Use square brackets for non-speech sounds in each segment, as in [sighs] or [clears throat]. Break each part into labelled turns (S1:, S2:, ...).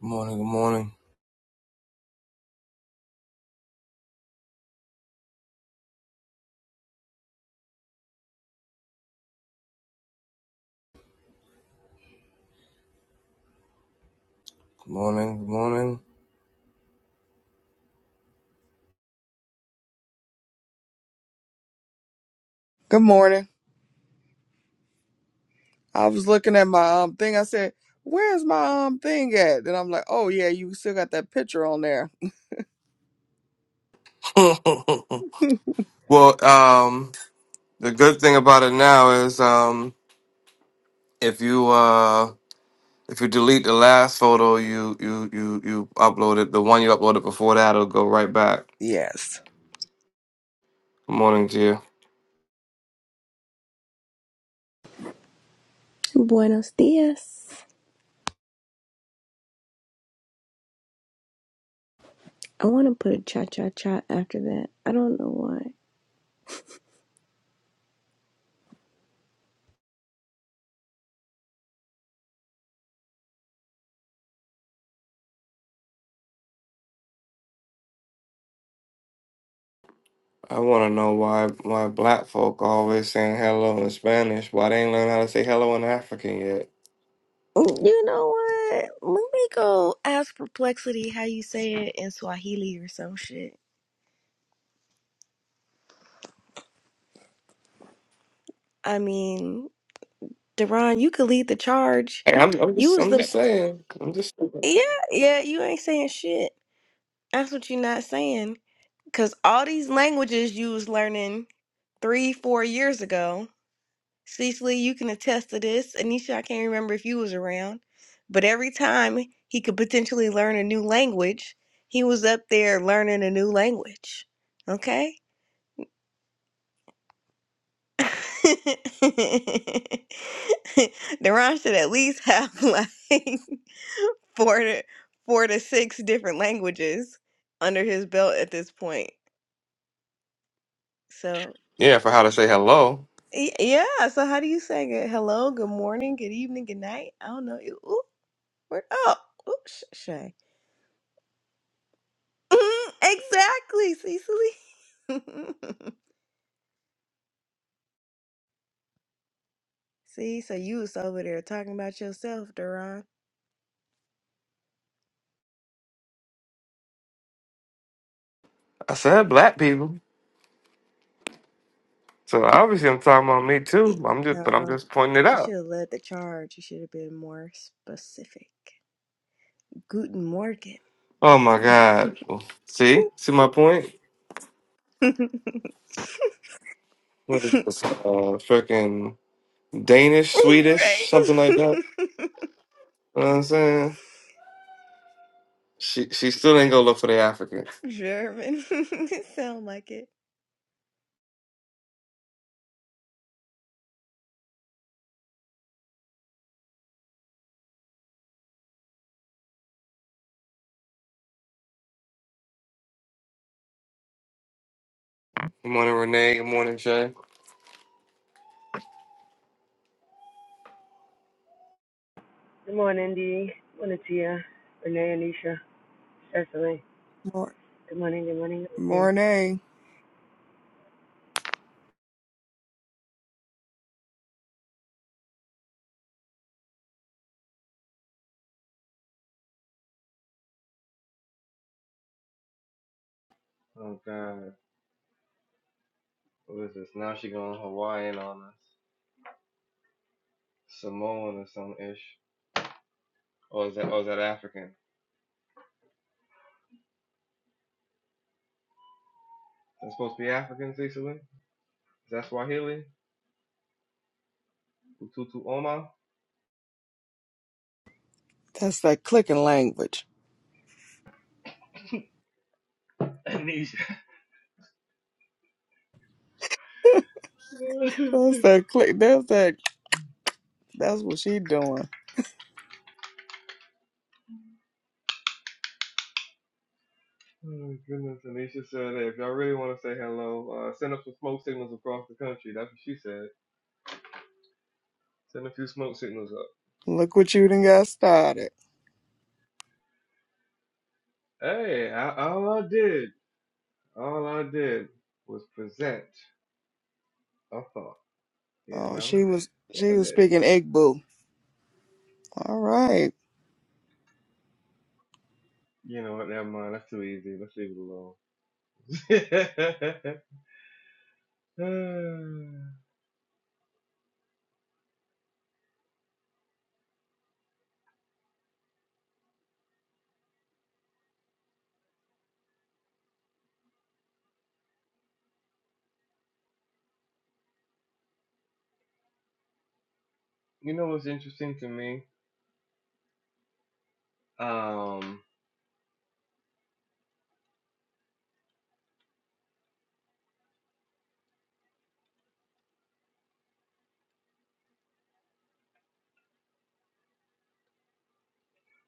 S1: Good morning, good morning, good morning, good morning.
S2: Good morning. I was looking at my um thing. I said, "Where's my um thing at?" And I'm like, "Oh yeah, you still got that picture on there."
S1: [laughs] well, um, the good thing about it now is um, if you uh, if you delete the last photo you you you you uploaded, the one you uploaded before that, it'll go right back.
S2: Yes.
S1: Good morning to you.
S3: Buenos dias. I want to put a cha cha cha after that. I don't know why.
S1: I want to know why why black folk always saying hello in Spanish. Why they ain't learn how to say hello in African yet?
S3: Mm, You know what? Let me go ask Perplexity how you say it in Swahili or some shit. I mean, Deron, you could lead the charge.
S1: Hey, I'm, I'm
S3: You
S1: just
S3: was
S1: I'm
S3: the.
S1: just saying. I'm just
S3: Yeah, yeah, you ain't saying shit. That's what you're not saying. Because all these languages you was learning three, four years ago. Cecily, you can attest to this. Anisha, I can't remember if you was around, but every time he could potentially learn a new language, he was up there learning a new language. Okay? [laughs] Deron should at least have like [laughs] four to four to six different languages under his belt at this point. So
S1: yeah for how to say hello.
S3: y- yeah, so how do you say good hello, good morning, good evening, good night? I don't know. Ooh, where, oh, ooh, sh- Shay. Mhm, exactly, Cecily. [laughs] See, so you was over there talking about yourself, Duran.
S1: I said black people. So obviously, I'm talking about me
S3: Yeah.
S1: too. I'm just, but I'm
S3: No,
S1: just pointing it
S3: you
S1: out.
S3: should have led the charge. You should have been more specific. Guten Morgen.
S1: Oh my God! See,
S3: [laughs]
S1: see my point?
S3: right.
S1: What is this? Uh, freaking Danish, Swedish, something like
S3: [laughs]
S1: that. You know what I'm saying? She, she still ain't gonna look for the African.
S3: German. [laughs] It Sound like it.
S1: Good morning, Renee. Good morning, Jay.
S4: Good morning, Dee. Good morning, Tia, Renee, Anisha, Cecily.
S2: Mor-
S4: Good morning, good morning, good morning.
S2: Morning.
S1: Uh, what is this? Now she going Hawaiian on us. Samoan or some ish. Or is that or is that African? That's supposed to be African, Cecily? Is that Swahili? Ututu Oma?
S2: That's that clicking language.
S1: [laughs] Amnesia. [laughs]
S2: That's that click. That's that. That's what she doing.
S1: Oh, goodness, Anisha said, hey, if y'all really want to say hello, uh, send up some smoke signals across the country. That's what she said. Send a few smoke signals up.
S2: Look what you done got started.
S1: Hey, I, all I did, all I did was present a thought, you
S2: Oh,
S1: know?
S2: she was
S1: So
S2: she
S1: I
S2: was
S1: did.
S2: speaking Igbo. All right.
S1: You know what, never mind. That's too easy. Let's leave it alone. [laughs] you know what's interesting to me? Um,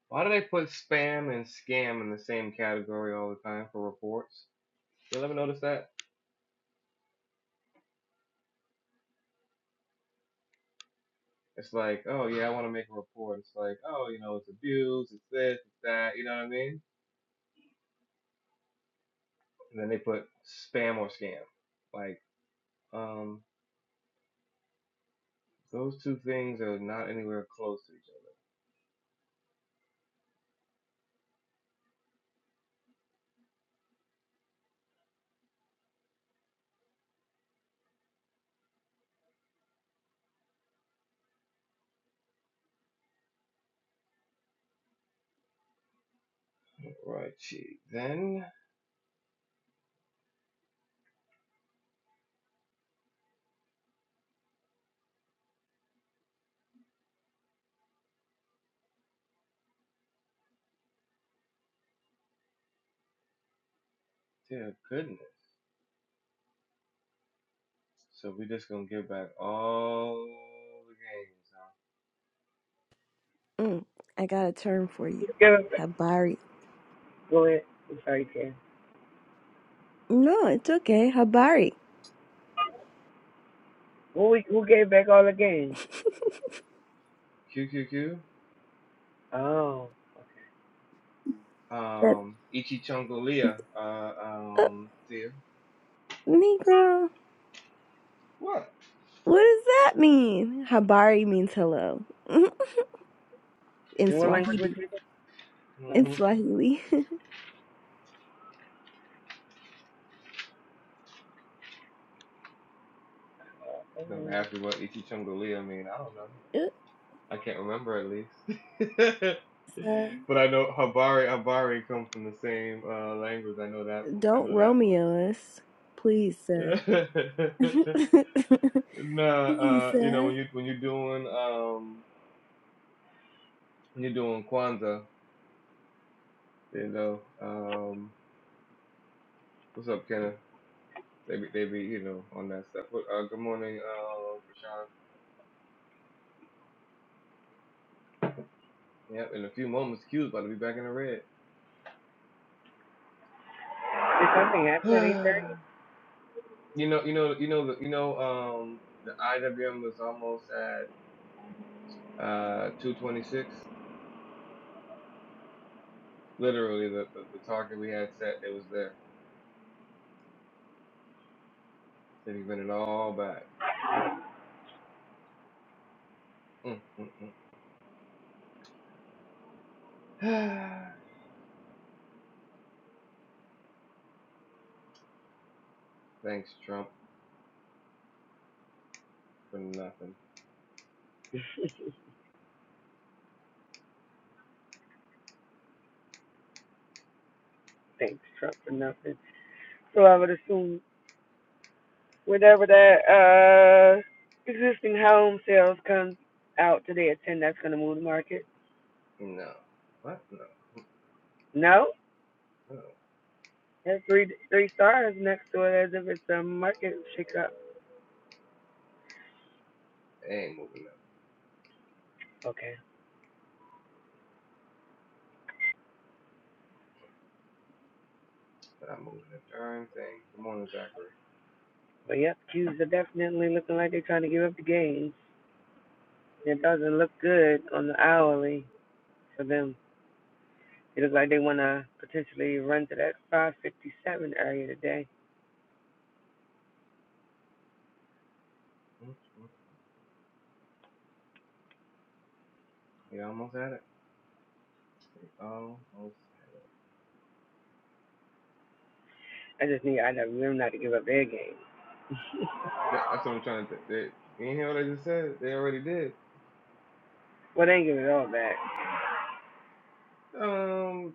S1: why do they put spam and scam in the same category all the time for reports? You ever notice that? It's like, oh yeah, I want to make a report. It's like, oh, you know, it's abuse, it's this, it's that. You know what I mean? And then they put spam or scam. Like, um, those two things are not anywhere close to each other. Right. Gee. Then, dear goodness. So we just gonna give back all the games, huh?
S3: Mm, I got a term for you. Habari.
S4: go ahead. I'm sorry, Tia.
S3: No, it's okay. Habari.
S4: Who, we, who gave back all the games?
S1: Q. Q Q?
S4: Oh.
S3: That
S1: Um, Ichichongolia. Uh,
S3: uh,
S1: um, dear.
S3: Negro.
S1: What?
S3: What does that mean? Habari means hello. [laughs] in
S4: In what language was
S1: hmm
S3: Swahili.
S4: it? Sorry.
S3: In
S1: hmm
S3: Swahili. [laughs]
S1: Don't
S4: Um,
S1: ask me what Ichichongolia mean. I don't know.
S3: Uh,
S1: I can't remember at least. [laughs] but
S3: sir,
S1: I know Habari Habari comes from the same uh, language. I know that. I
S3: don't
S1: know that
S3: Romeo us. Please, sir. [laughs]
S1: much. [laughs] nah,
S3: Please,
S1: uh, you know
S3: sir.
S1: when you when you're doing um when you're doing Kwanzaa, you know um what's up, Kenneth? They be, they be you know on that stuff. But, uh, good morning, uh, Rashawn. Yep, in a few moments, Q's about to be back in the red.
S4: Did something happen at 8.30?
S1: [sighs] you know, you know, you know, the, you know. Um, the IWM was almost at uh 226. Literally, the, the, the target we had set, it was there. They've been it all back. Mm, mm, mm. [sighs] Thanks, Trump, for nothing.
S4: [laughs] Thanks, Trump, for nothing. So I would assume whenever that uh, existing home sales comes out today at 10, that's going to move the market.
S1: No. What? No,
S4: No?
S1: no.
S4: That's three, three stars next to it as if it's a market shakeup.
S1: They ain't moving us,
S4: Okay.
S1: but I'm moving the darn thing. Good morning, Zachary.
S4: But yep, Q's are definitely looking like they're trying to give up the game. It doesn't look good on the hourly for them. It looks like they want to potentially run to that 557 area today.
S1: Mm, mm. mm. We almost had it. We almost had it.
S4: I just need I know them not to give up their game. [laughs]
S1: That, that's what I'm trying to they, You ain't hear what I just said? They already did.
S4: Well, they ain't give it all back.
S1: Um,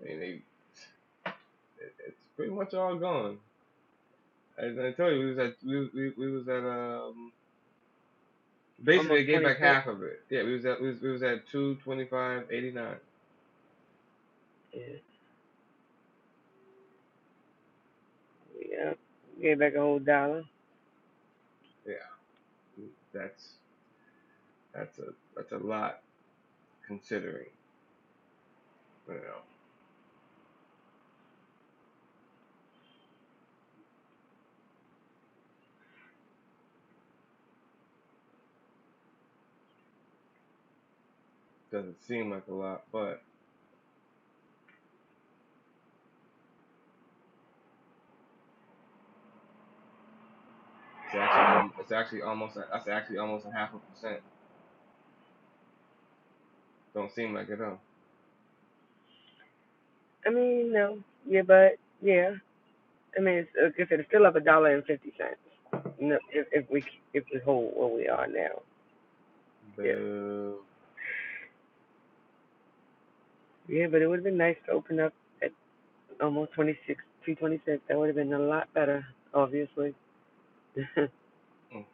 S1: I mean, they, it, it's pretty much all gone. I, I tell you, we was at, we, we, we was at, um. Basically,
S4: Almost
S1: they gave back
S4: 26.
S1: half of it. Yeah, we was at we was, we was at two twenty five eighty nine.
S4: Yeah, yeah. Gave back a whole dollar.
S1: Yeah, that's that's a that's a lot considering. You know, doesn't seem like a lot, but it's actually um it's actually almost a, that's actually almost a half a percent. Don't seem like it though.
S4: I mean, no. Yeah, but yeah. I mean, it's, like I said, it's still up a dollar and fifty cents. No, if, if we if we hold where we are now. Yes.
S1: Boo.
S4: Yeah, but it would have been nice to open up at almost 26, 226. That would have been a lot better, obviously. [laughs]
S1: Mm, mm.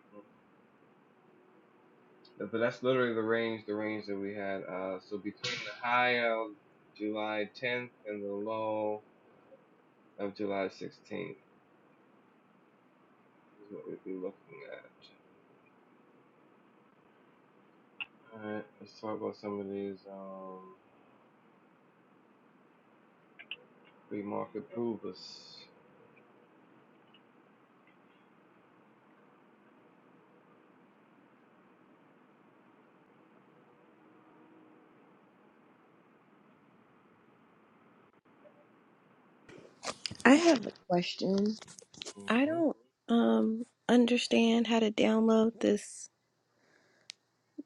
S1: But that's literally the range the range that we had. Uh, so between the high of July tenth and the low of July sixteenth is what we'd be looking at. All right, let's talk about some of these. Um, Pre-mark approvals.
S3: I have a question. I
S1: hmm
S3: don't um understand how to download this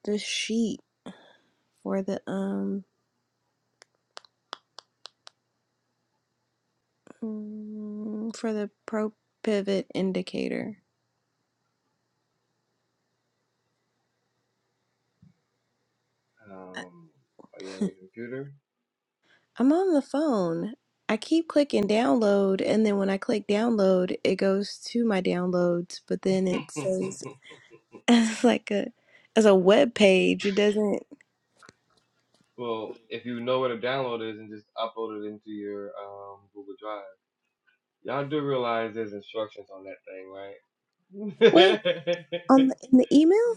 S3: this sheet for the um mm, for the pro pivot indicator. I-
S1: Um, are you on your computer?
S3: I'm on the phone. I keep clicking download, and then when I click download, it goes to my downloads, but then it
S1: [laughs]
S3: says [laughs] as like a as a web page. It doesn't
S1: well, if you know where the download is and just upload it into your um, Google Drive. Y'all do realize there's instructions on that thing,
S3: Wait.
S1: right?
S3: on the, in the
S1: [laughs]
S3: email.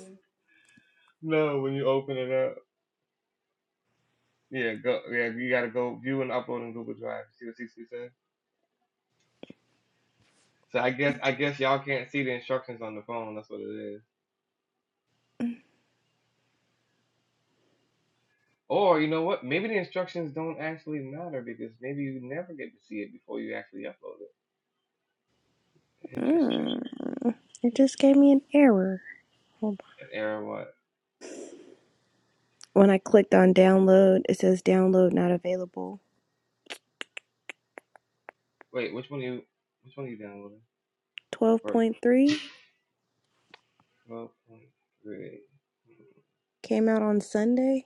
S1: no, when you open it up. Yeah, go. Yeah, you gotta go view and upload in Google Drive. See what 60 said. So I guess I guess y'all can't see the instructions on the phone. That's what it is. Or you know what? Maybe the instructions don't actually matter because maybe you never get to see it before you actually upload it. Interesting.
S3: Mm, it just gave me an error. Hold
S1: An error what?
S3: on. When I clicked on download, it says download not available.
S1: Wait, which one are you which one are you downloading?
S3: Twelve
S1: Or
S3: point three
S1: twelve point three.
S3: came out on Sunday.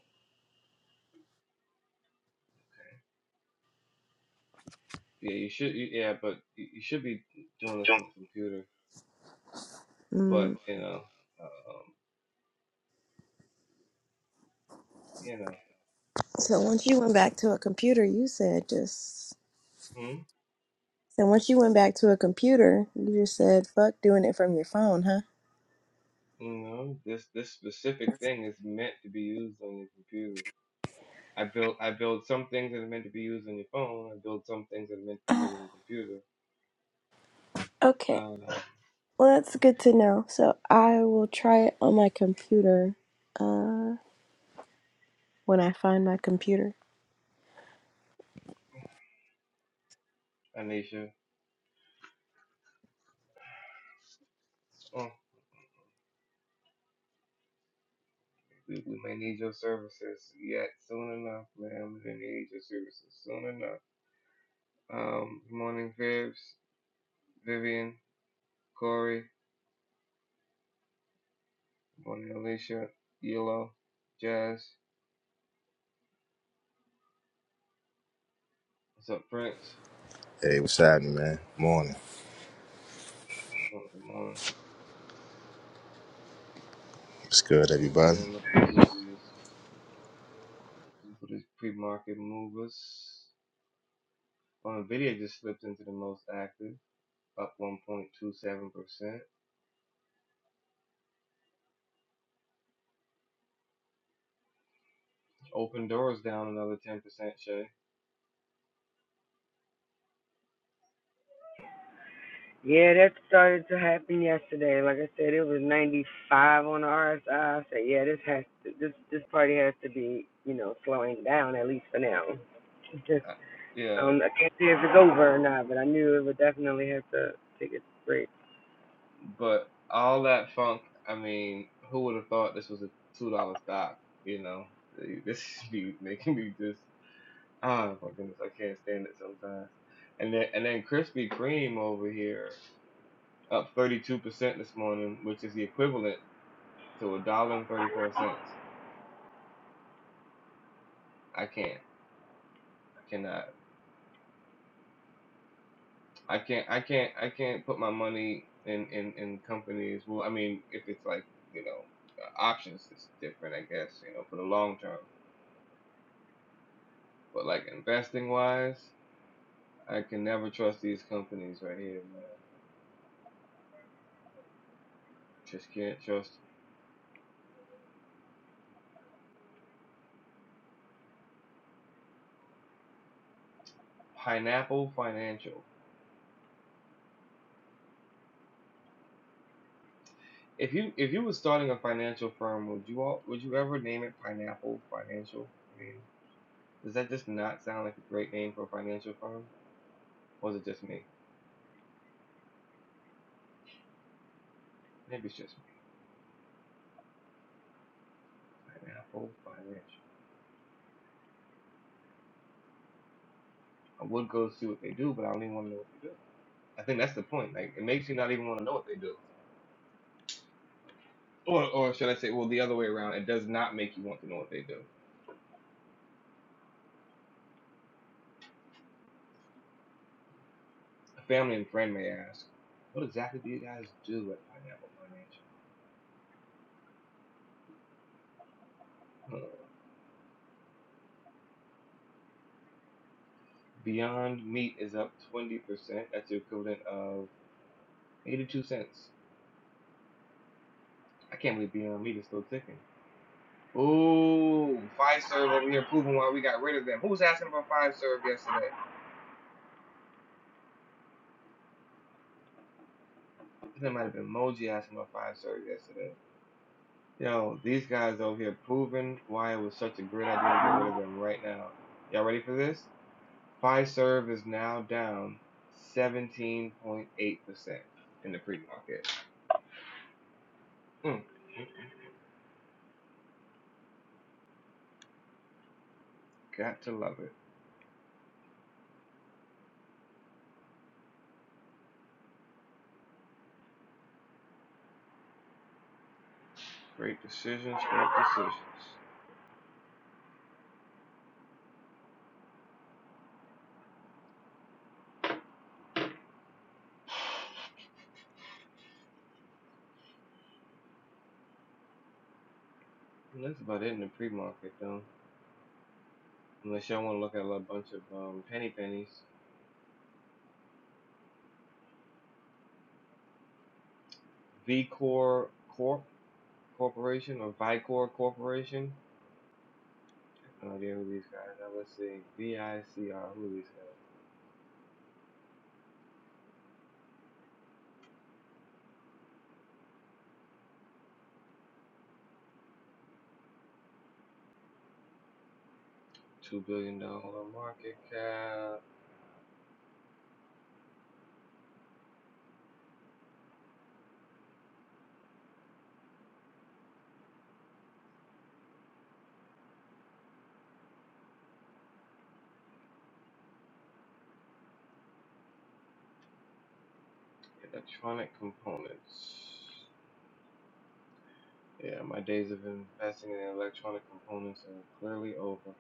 S1: Yeah, you should. You, yeah, but you, you should be doing this on the computer. But
S3: Mm.
S1: you know, um, you know,
S3: So once you went back to a computer, you said just.
S1: hmm?
S3: So once you went back to a computer, you just said fuck doing it from your phone, huh?
S1: you know, this this specific
S3: [sighs]
S1: thing is meant to be used on your computer. I build I build some things that are meant to be used on your phone. I build some things that are meant to be
S3: Oh,
S1: used on the computer.
S3: Okay.
S1: Um,
S3: Well, that's good to know. So I will try it on my computer. Uh. when I find my computer.
S1: Anisha. Oh, We, we may need your services yet soon enough, man. we may need your services soon enough. Um, good morning, Vibs, Vivian, Corey. Good morning, Alicia, Yellow, Jazz. What's up, Prince?
S5: Hey, what's happening, man? Morning.
S1: Good morning.
S5: What's good,
S1: Hey,
S5: everybody?
S1: man, looking through these, looking through these pre-market movers. On video just slipped into the most active, up 1.27%. Open doors down another 10%, Shay.
S4: yeah, that started to happen yesterday. Like I said, it was 95 on the RSI. I I said, yeah, this has to, this this party has to be, you know, slowing down at least for now. Just
S1: I,
S4: [laughs]
S1: Yeah.
S4: um, I can't say if it's over or not, but I knew it would definitely have to take a break.
S1: But all that funk, I mean, who would have thought this was a two dollar stock? You know, Like, this [laughs] be making me just ah my goodness, I can't stand it sometimes. And then and then Krispy Kreme over here up thirty two percent this morning, which is the equivalent to a dollar and thirty four cents. I can't, I cannot, I can't, I can't, I can't put my money in in in companies. Well, I mean, if it's like you know options, it's different, I guess. You know, for the long term But like investing wise, I can never trust these companies right here, man. Just can't trust them. Pineapple Financial. If you if you were starting a financial firm, would you all would you ever name it Pineapple Financial? I mean, does that just not sound like a great name for a financial firm? Or is it just me? Maybe it's just me. Pineapple Financial. I would go see what they do, but I don't even want to know what they do. I think that's the point. Like it makes you not even want to know what they do. Or or should I say, well, the other way around, it does not make you want to know what they do. A family and friend may ask, what exactly do you guys do at Pineapple Financial? Hmm. Beyond Meat is up 20%. That's the equivalent of 82 cents. I can't believe Beyond Meat is still ticking. Ooh, Fiserv over here proving why we got rid of them. Who was asking about Fiserv yesterday? I think it might have been Moji asking about Fiserv yesterday. Yo, these guys over here proving why it was such a great idea to get rid of them right now. Y'all ready for this? Fiserv is now down 17.8% in the pre market. Mm, mm, mm. Got to love it. Great decisions, great decisions. And that's about it in the pre market, though. Unless y'all want to look at a bunch of um, penny pennies. Vicor Corp Corporation or Vicor Corporation. I have no idea who these guys are. Let's see. VICR. Who are these guys? $2 billion dollar market cap. Electronic components. Yeah, my days of investing in electronic components are clearly over.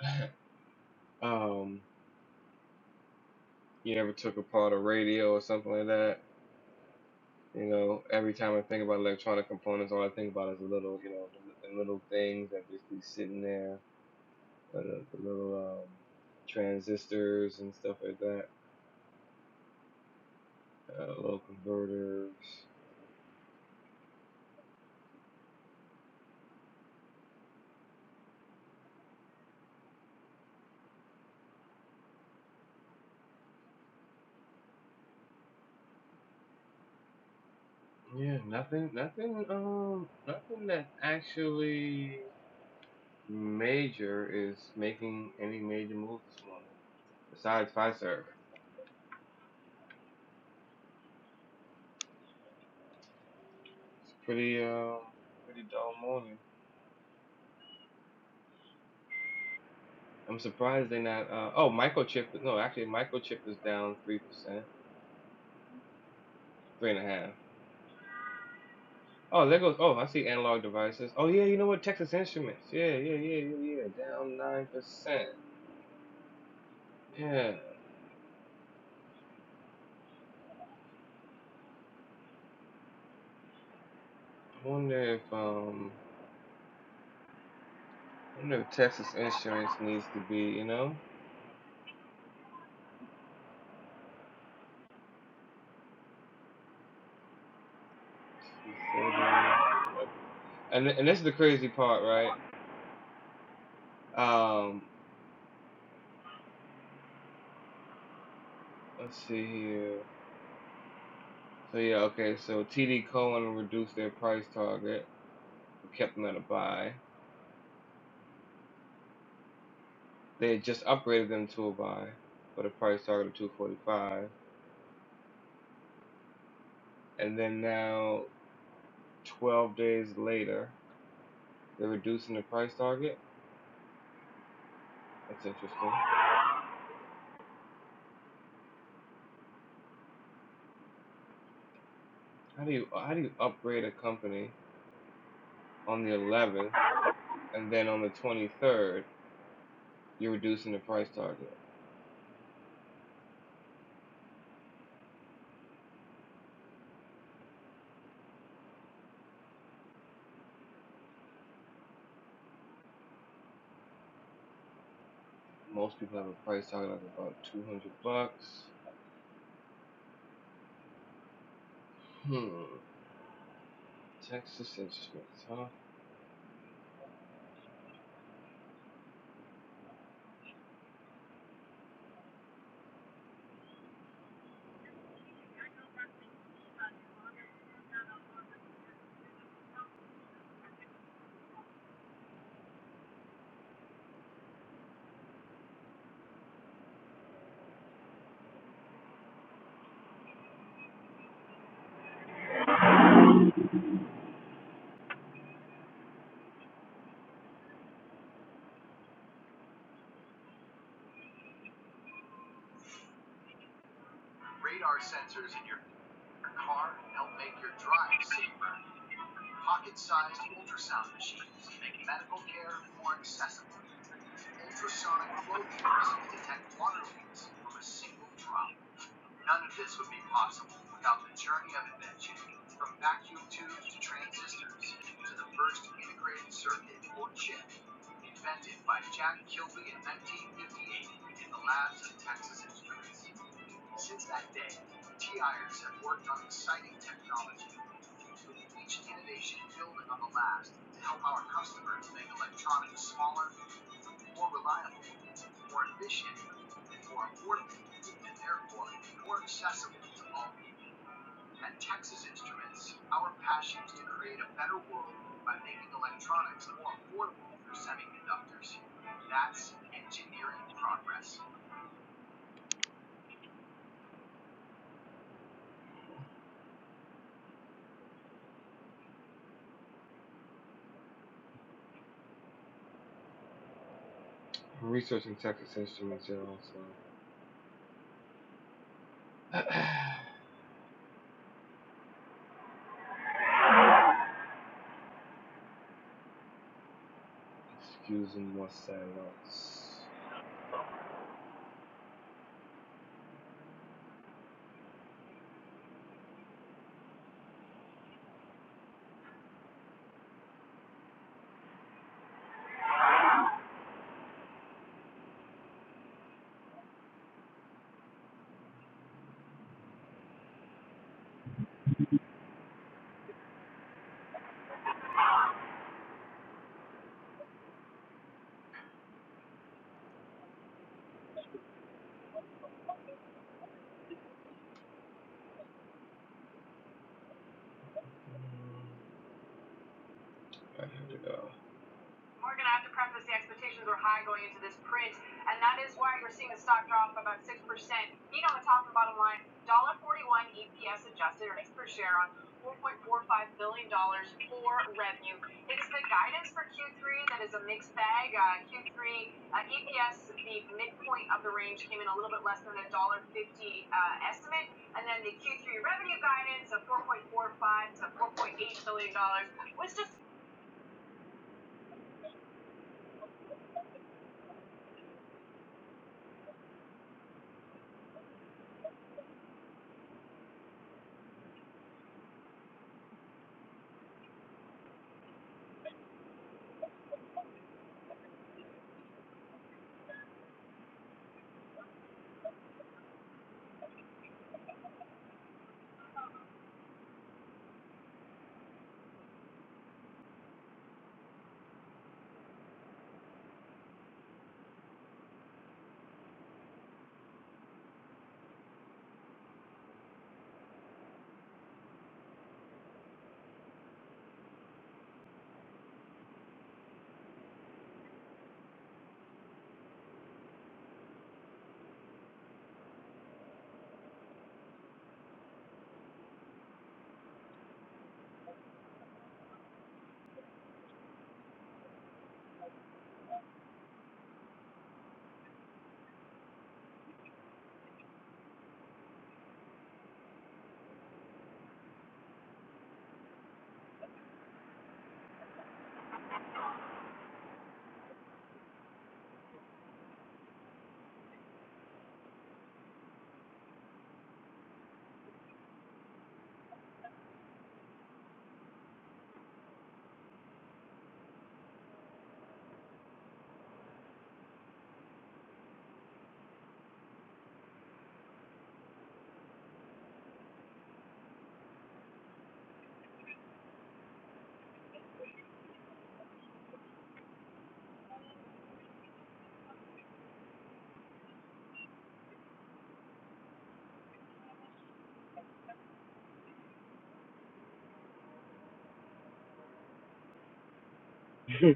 S1: [laughs] Um, you never took apart a radio or something like that. You know, every time I think about electronic components, all I think about is the little, you know, the, the little things that just be sitting there, uh, the, the little um, transistors and stuff like that, uh, little converters. Yeah, nothing, nothing, um, nothing that actually major is making any major moves this morning. besides Fiserv. It's pretty um pretty dull morning. I'm surprised they're not uh oh microchip no actually microchip is down three percent three and a half. Oh there goes oh I see analog devices. Oh yeah you know what Texas Instruments yeah yeah yeah yeah yeah down nine percent yeah. I wonder if um I wonder if Texas Instruments needs to be you know two thirty and and this is the crazy part right um let's see here So yeah, okay. So TD Cohen reduced their price target, but kept them at a buy. They had just upgraded them to a buy, but a price target of 245. And then now, 12 days later, they're reducing the price target. That's interesting. How do you how do you upgrade a company on the 11th and then on the 23rd you're reducing the price target? Most people have a price target of about 200 bucks. Hmm. Texas Instruments, huh? I'm researching Texas Instruments here also. [clears throat] [sighs] Excusing more silence. Alright, here we go.
S4: [laughs]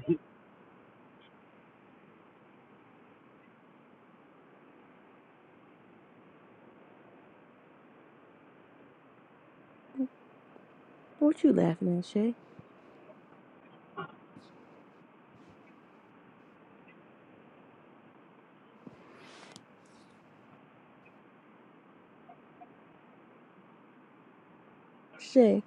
S3: What you laughing at, Shay? Shay,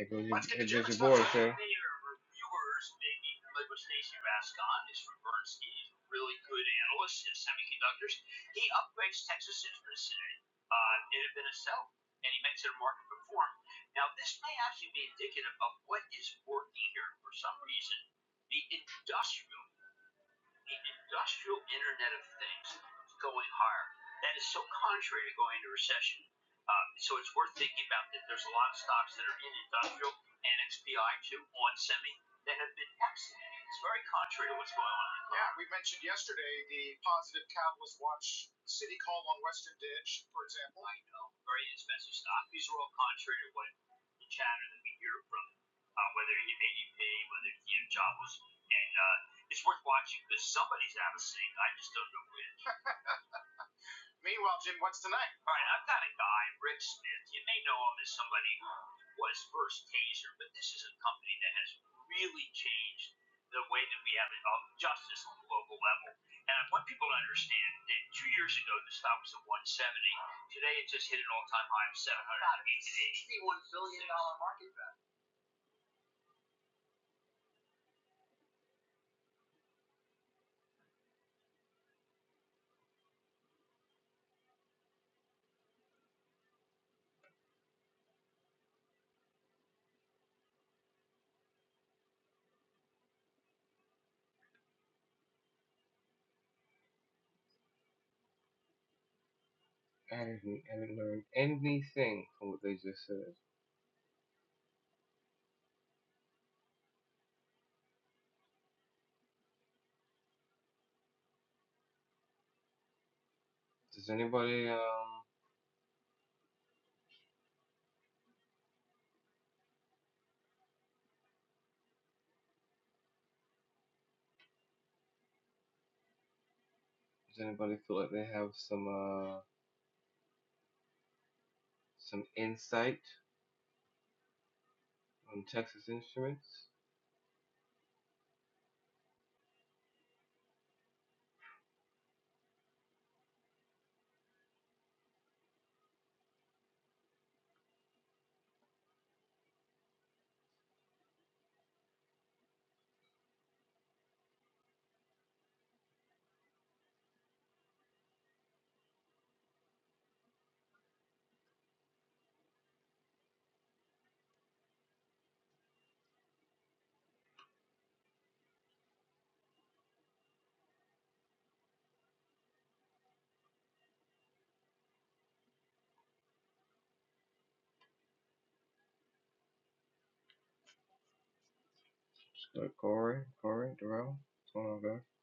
S1: I, go I, didn't, I didn't learn anything from what they just said. Does anybody um does anybody feel like they have some uh some insight on Texas Instruments? Just go to Corey, Corey, Darrell. What's going on, guys?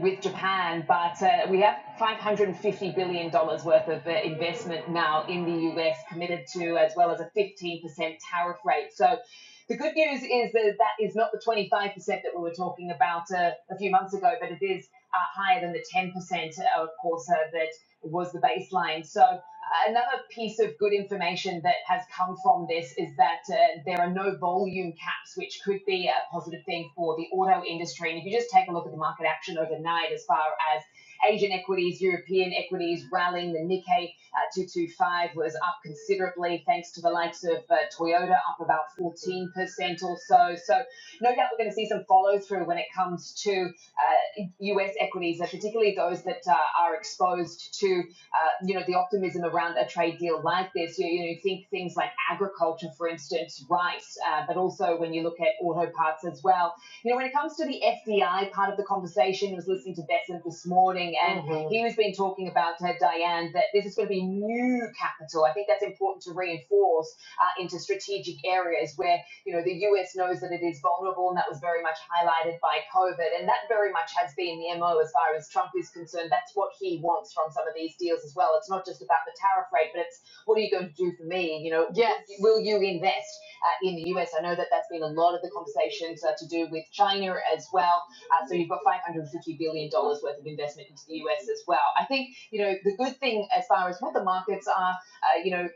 S1: with Japan, but uh, we have $550 billion dollars worth of uh, investment now in the US committed to, as well as a 15% tariff rate. So the good news is that that is not the 25% that we were talking about uh, a few months ago, but it is uh, higher than the 10%, uh, of course, uh, that was the baseline. So Another piece of good information that has come from this is that uh, there are no volume caps, which could be a positive thing for the auto industry. And if you just take a look at the market action overnight, as far as Asian equities, European equities rallying, the Nikkei uh, 225 was up considerably thanks to the likes of uh, Toyota, up about 14% or so. So, no doubt we're going to see some follow through when it comes to uh, US equities, uh, particularly those that uh, are exposed to uh, you know, the optimism around a trade deal like this. You, you know, you think things like agriculture, for instance, rice, uh, but also when you look at auto parts as well. You know, when it comes to the FDI part of the conversation, I was listening to Besant this morning Who's been talking about uh, Diane that this is going to be new capital. I think that's important to reinforce uh, into strategic areas where you know the US knows that it is vulnerable, and that was very much highlighted by COVID, and that very much has been the mo as far as Trump is concerned. That's what he wants from some of these deals as well. It's not just about the tariff rate, but it's what are you going to do for me? You know, Yes. will you invest uh, in the US? I know that that's been a lot of the conversations uh, to do with China as well uh, so you've got $550 billion dollars worth of investment into the US as well. I think, you know, the good thing as far as what the markets are, uh, you know,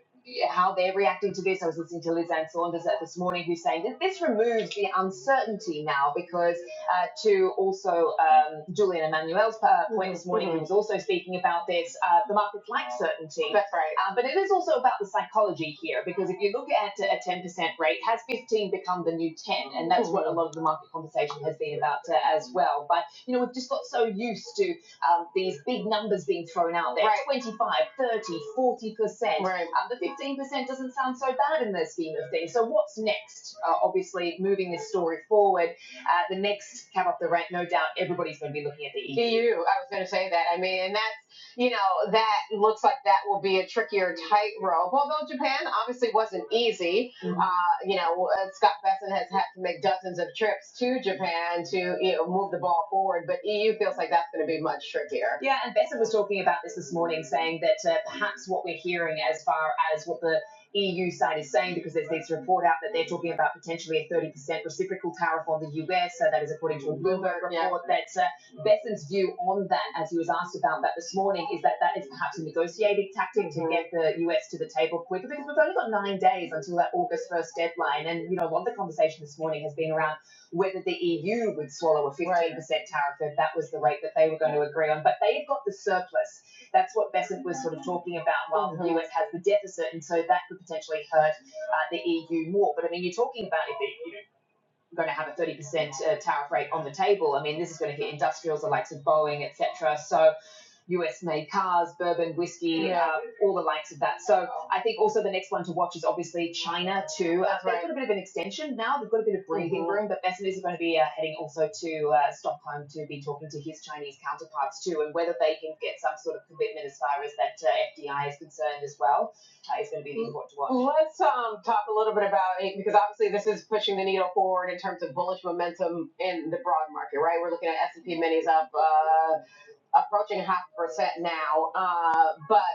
S1: how they're reacting to this. I was listening to Lizanne Saunders uh, this morning who's saying that this removes the uncertainty now because uh, to also um, Julian Emmanuel's uh, point this morning, who was also speaking about this. Uh, the markets like certainty. That's right. Uh, but it is also about the psychology here, because if you look at a 10% rate, has 15 become the new 10? And that's what a lot of the market conversation has been about uh, as well. But, you know, we've just got so used to um, these big numbers being thrown out there Right. 25, 30, 40%. Right. Um, the 15% doesn't sound so bad in the scheme of things. So, what's next? Uh, obviously, moving this story forward uh, the next cab off the rank, no doubt, everybody's going to be looking at the EU. okay, and, you know that looks like they their ties and EU uh, to Japan to you know, move the ball forward, but EU feels like that's trickier. Yeah, and Bessa was talking about this this morning, saying that uh, perhaps what we're hearing as far as what the EU side is saying, because there's this report out that they're talking about potentially a 30% reciprocal tariff on the US. So that is according to a Bloomberg Yeah. report. yeah. That uh, Besson's view on that, as he was asked about that this morning, is that that is perhaps a negotiating tactic to Mhm. get the US to the table quicker, because we've only got nine days until that August 1st deadline. And you know, a lot of the conversation this morning has been around whether the EU would swallow a 15% tariff if that was the rate that they were going to agree on. But they've got the surplus. That's what Besant was sort of talking about, while mm-hmm. the US has the deficit, and so that could potentially hurt uh, the EU more. But I mean, you're talking about if it, you know, going to have a 30% uh, tariff rate on the table. I mean, this is going to hit industrials, the likes of Boeing, etc. So US made cars, bourbon, whiskey, Yeah. uh, all the likes of that. So I think also the next one to watch is obviously China too. Uh, That's they've right. got a bit of an extension now. They've got a bit of breathing Mhm. room, but Messinger's are going to be uh, heading also to uh, Stockholm to be talking to his Chinese counterparts too, and whether they can get some sort of commitment as far as that uh, FDI is concerned as well uh, is going to be Mm. important to watch. Let's um, talk a little bit about it because obviously this is pushing the needle forward in terms of bullish momentum in the broad market, right? We're looking at S&P minis up uh, approaching half a percent now. Uh, but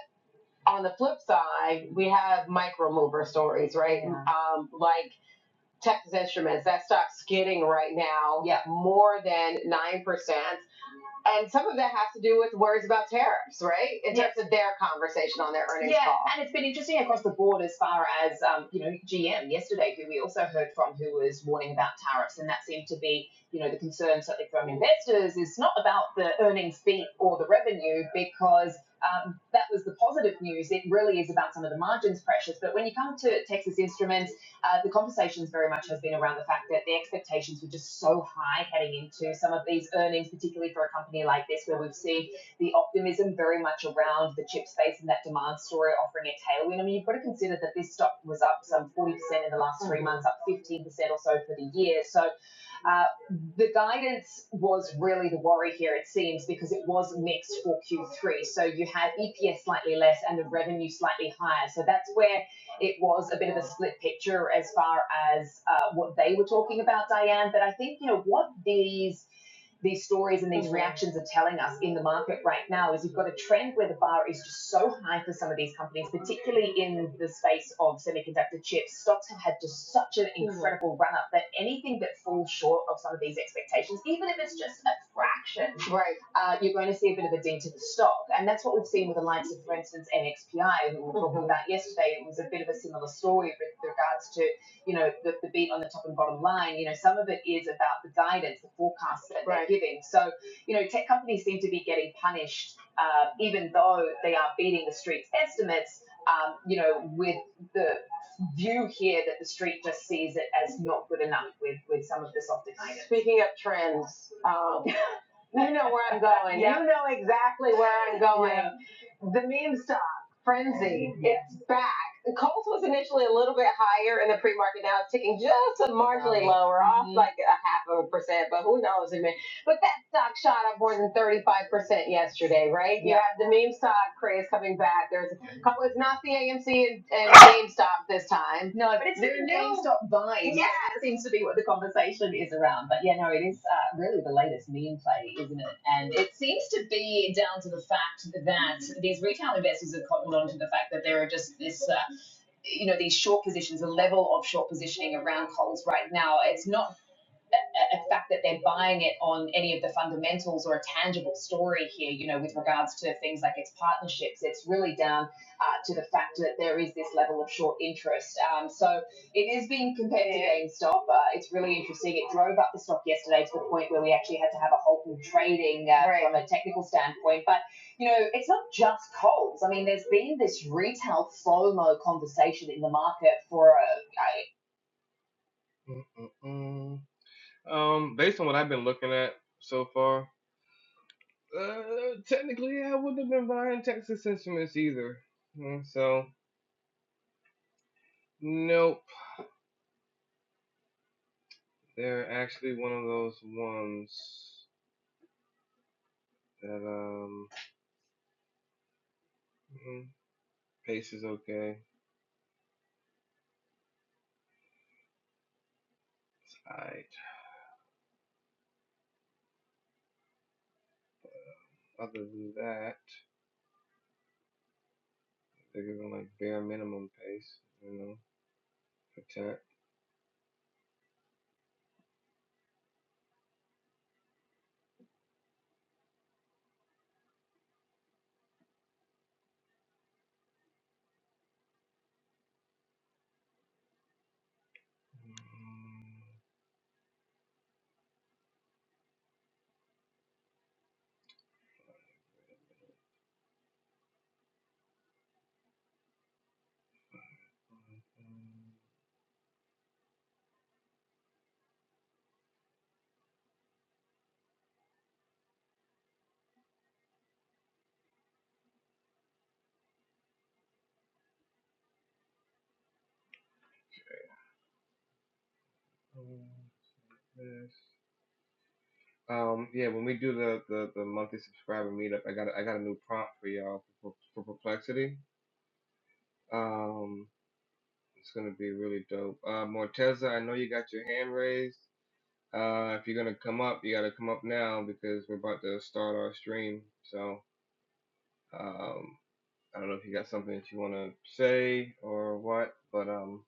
S1: on the flip side, we have micro mover stories, right? Yeah. Um, like Texas Instruments, that stock's skidding right now yeah. more than 9%. And some of that has to do with worries about tariffs, right? In Yeah. terms of their conversation on their earnings Yeah, call. Yeah, and it's been interesting across the board as far as um, you know GM yesterday, who we also heard from, who was warning about tariffs, and that seemed to be you know the concern certainly from investors. is not about the earnings beat or the revenue because um, that was the positive news. It really is about some of the margins pressures. But when you come to Texas Instruments uh, the conversations very much has been around the fact that the expectations were just so high heading into some of these earnings, particularly for a company like this, where we've seen the optimism very much around the chip space and that demand story offering a tailwind. I mean, you've got to consider that this stock was up some 40% in the last three months, up 15% or so for the year. So uh, the guidance was really the worry here, it seems, because it was mixed for Q3. So you had EPS slightly less and the revenue slightly higher. So that's where it was a bit of a split picture as far as uh, what they were talking about, Diane. But I think, you know, what these these stories and these reactions are telling us in the market right now is you've got a trend where the bar is just so high for some of these companies, particularly in the space of semiconductor chips. Stocks have had just such an incredible run up that anything that falls short of some of these expectations, even if it's just a fraction, Right. uh, you're going to see a bit of a dent in the stock. And that's what we've seen with the likes of, for instance, NXPI, who we were talking about yesterday. It was a bit of a similar story with regards to you know, the, the beat on the top and bottom line. You know, some of it is about the guidance, the forecasts that right. they're Right. giving. So, you know, tech companies seem to be getting punished, uh, even though they are beating the street's estimates. Um, you know, with the view here that the street just sees it as not good enough with with some of the softer guidance. Speaking of trends, um, you know where I'm going. Yeah. You know exactly where I'm going. Yeah. The meme stock frenzy. It's back. The Colts was initially a little bit higher in the pre-market. Now it's ticking just a marginally lower, mm-hmm. off Mhm. like a half of a percent, but who knows? I mean, but that stock shot up more than 35% yesterday, right? You Yeah. You have the meme stock craze coming back. There's Oh, it's not the AMC and, and GameStop this time. No, but it's they GameStop buying. Yeah, That seems to be what the conversation is around. But yeah, no, it is uh, really the latest meme play, isn't it? And It seems to be down to the fact that these retail investors have cottoned on to the fact that there are just this, uh, you know, these short positions, a level of short positioning around Coles right now. It's not a, fact that they're buying it on any of the fundamentals or a tangible story here, you know, with regards to things like its partnerships. It's really down uh, to the fact that there is this level of short interest. Um, so it is being compared yeah. to GameStop. Uh, it's really interesting. It drove up the stock yesterday to the point where we actually had to have a halt in trading uh, Right. from a technical standpoint. But, you know, it's not just Coles. I mean, there's been this retail FOMO conversation in the market for a, Uh, Mm-mm-mm. Um, based on what I've been looking at so far, uh, technically I wouldn't have been buying Texas Instruments either. Mm, So, nope. They're actually one of those ones that, um, mm, pace is okay. Tight. Other than that, they're giving like bare minimum pace, you know, for tech. Yes. Um, yeah, when we do the, the, the monthly subscriber meetup, I got I got a new prompt for y'all for, for Perplexity. Um, it's gonna be really dope. Uh, Morteza, I know you got your hand raised. Uh, if you're gonna come up, you gotta come up now because we're about to start our stream. So, um, I don't know if you got something that you wanna say or what, but um.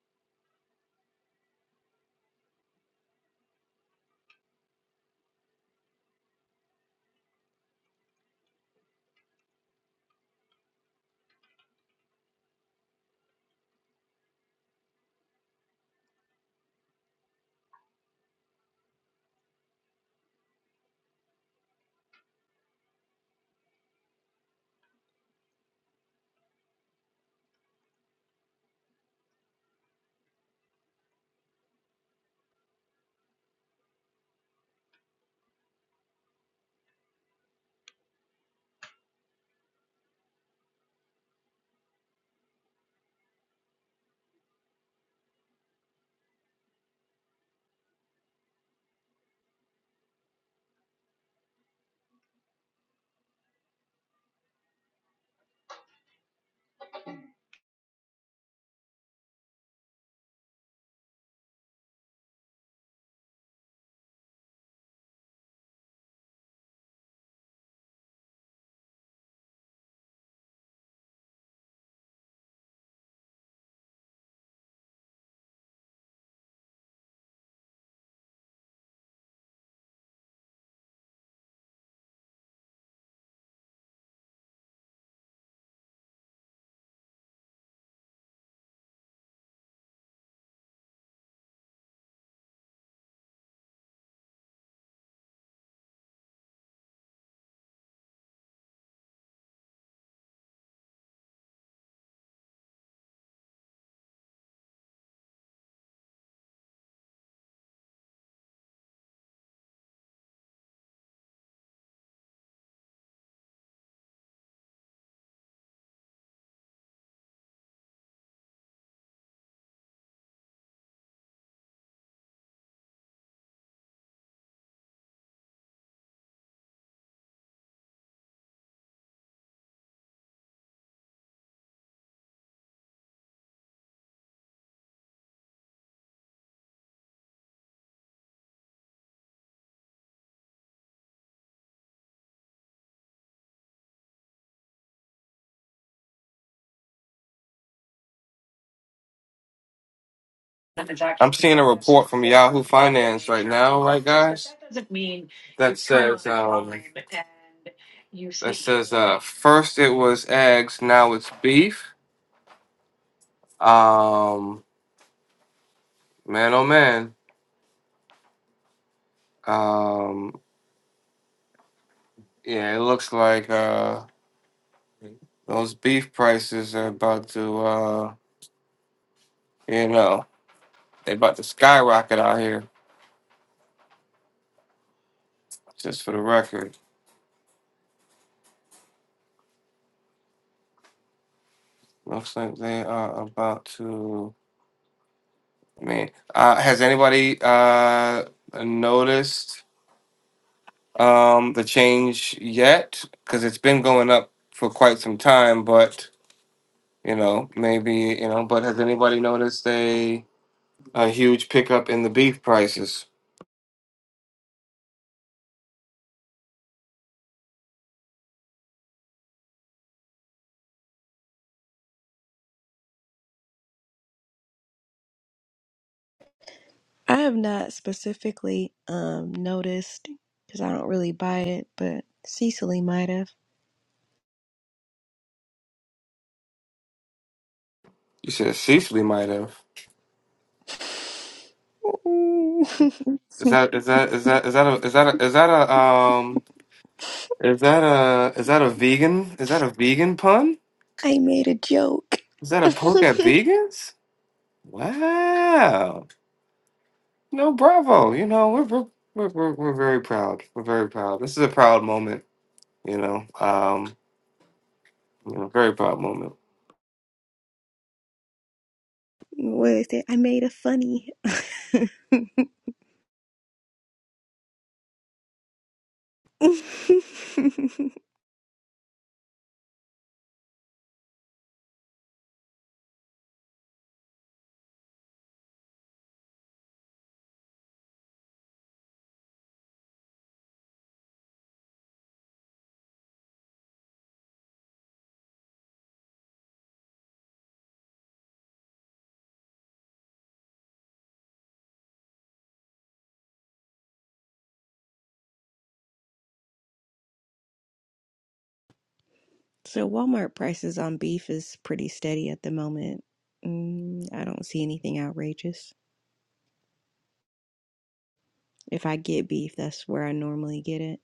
S1: I'm seeing a report from Yahoo Finance right now, right, guys? That says um, that says uh, first it was eggs, now it's beef. Um, man, oh man. Um, Yeah, it looks like uh those beef prices are about to uh you know, they about to skyrocket out here, just for the record. Looks like they are about to I mean, uh has anybody uh noticed um the change yet? Because it's been going up for quite some time, but you know, maybe you know, but has anybody noticed a a huge pickup in the beef prices?
S3: I have not specifically um noticed because I don't really buy it, but Cecily might have.
S1: You said Cecily might have.
S3: Mm.
S1: Is that is that is that is that a is that a is that a um is that a is that a vegan is that a vegan pun?
S3: [laughs] I made a joke.
S1: Is
S3: [laughs]
S1: that a poke at vegans? Wow. No, bravo. You know, we're we're we're, we're we're very proud. We're very proud. This is a proud moment, you know. Um, you know, very proud moment.
S3: what is it? I made a funny. [laughs] so Walmart prices on beef is pretty steady at the moment. Mm, I don't see anything outrageous. If I get beef, that's where I normally get it.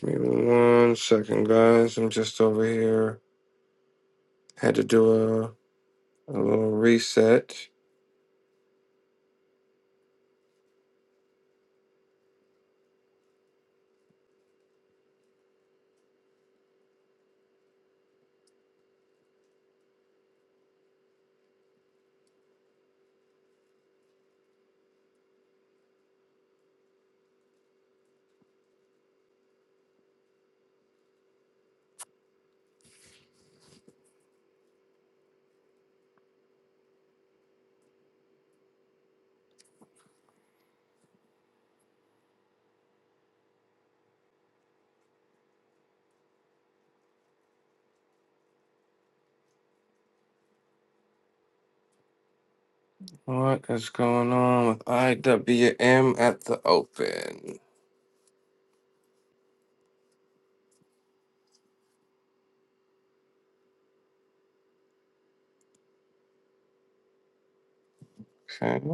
S1: Give me one second, guys. I'm just over here. Had to do a a little reset. What is going on with IWM at the open? Okay.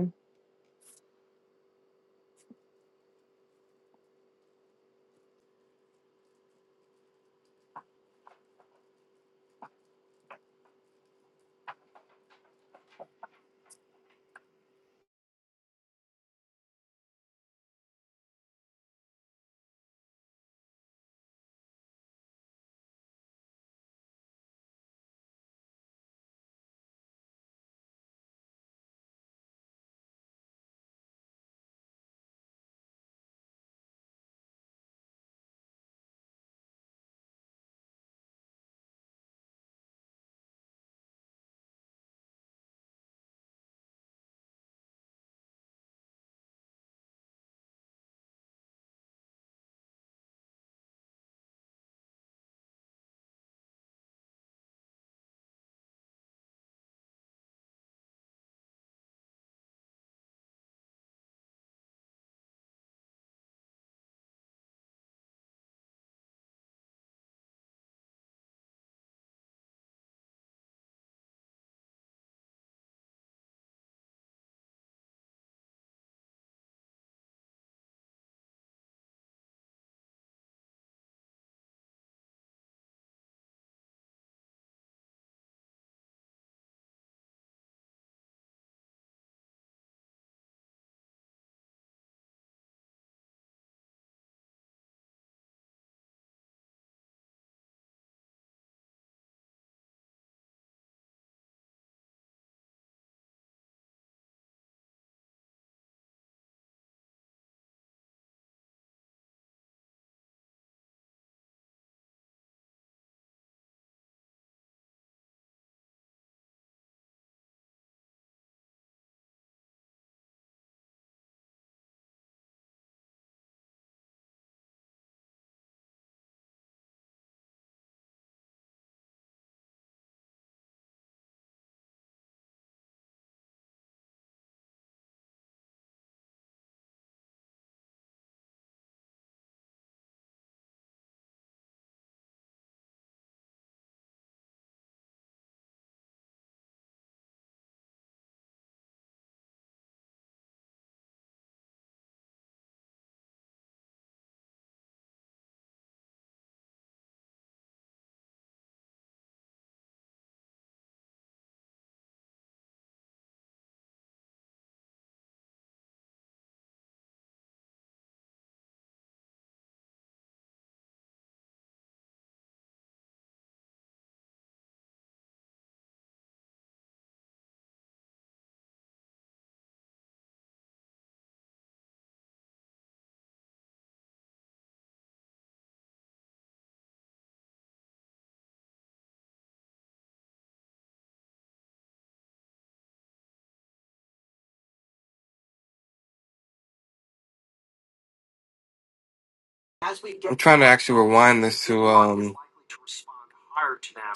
S1: I'm trying to actually rewind this to um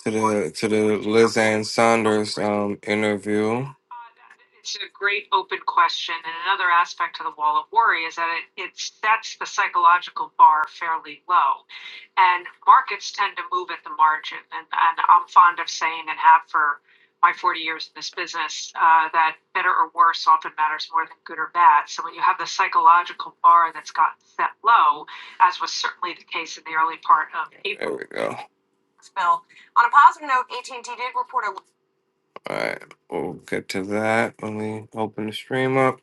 S1: to the to the Lizanne Saunders um interview. There we go. All right, we'll get to that when we open the stream up.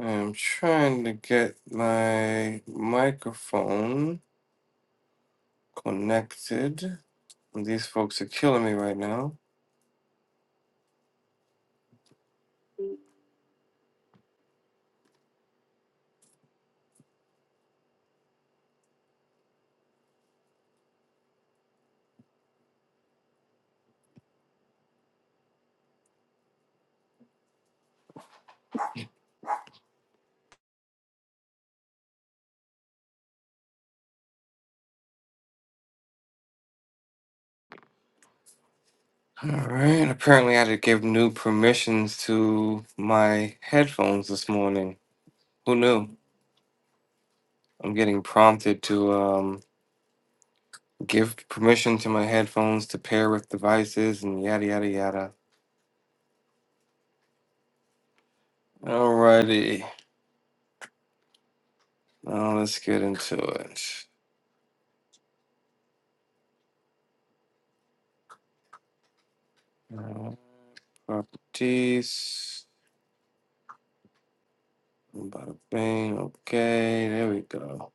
S1: I'm trying to get my microphone connected. These folks are killing me right now. All right. Apparently, I had to give new permissions to my headphones this morning. Who knew? I'm getting prompted to. um, give permission to my headphones to pair with devices and yada yada yada. Alrighty, now let's get into it. Uh, properties, bada bing. Okay, there we go.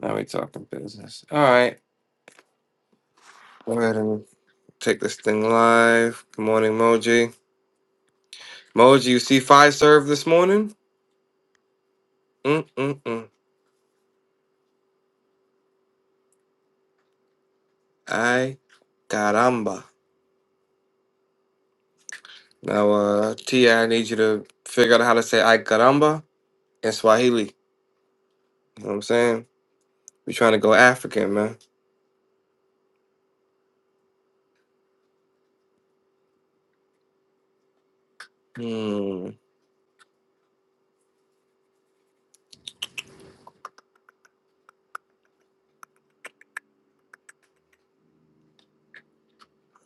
S1: Now we talking business. All right, go ahead and take this thing live. Good morning, Moji. Moji, you see five serve this morning? Mm mm mm. Ay caramba. Now, uh, Tia, I need you to figure out how to say ay caramba in Swahili. You know what I'm saying? We trying to go African, man. Hmm.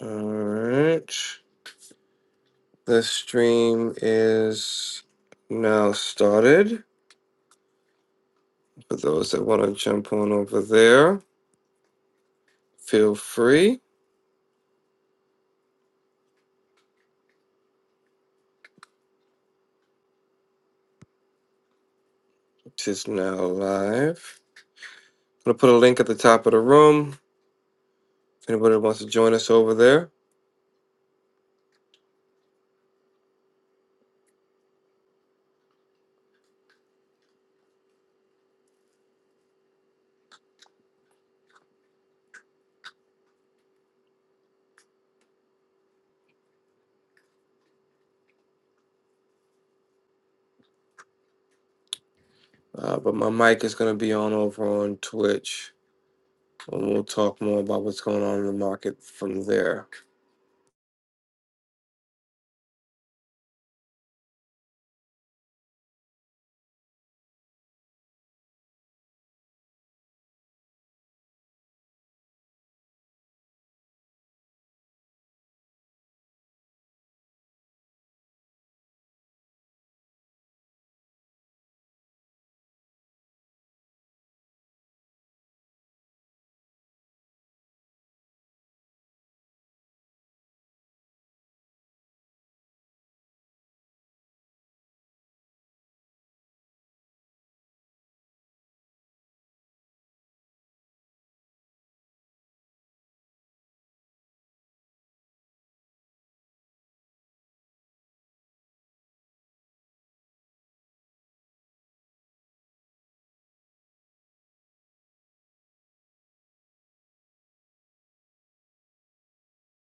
S1: Alright. The stream is now started. For those that want to jump on over there, feel free. It is now live. I'm gonna put a link at the top of the room. If anybody that wants to join us over there. Uh, but my mic is gonna be on over on Twitch. And we'll talk more about what's going on in the market from there.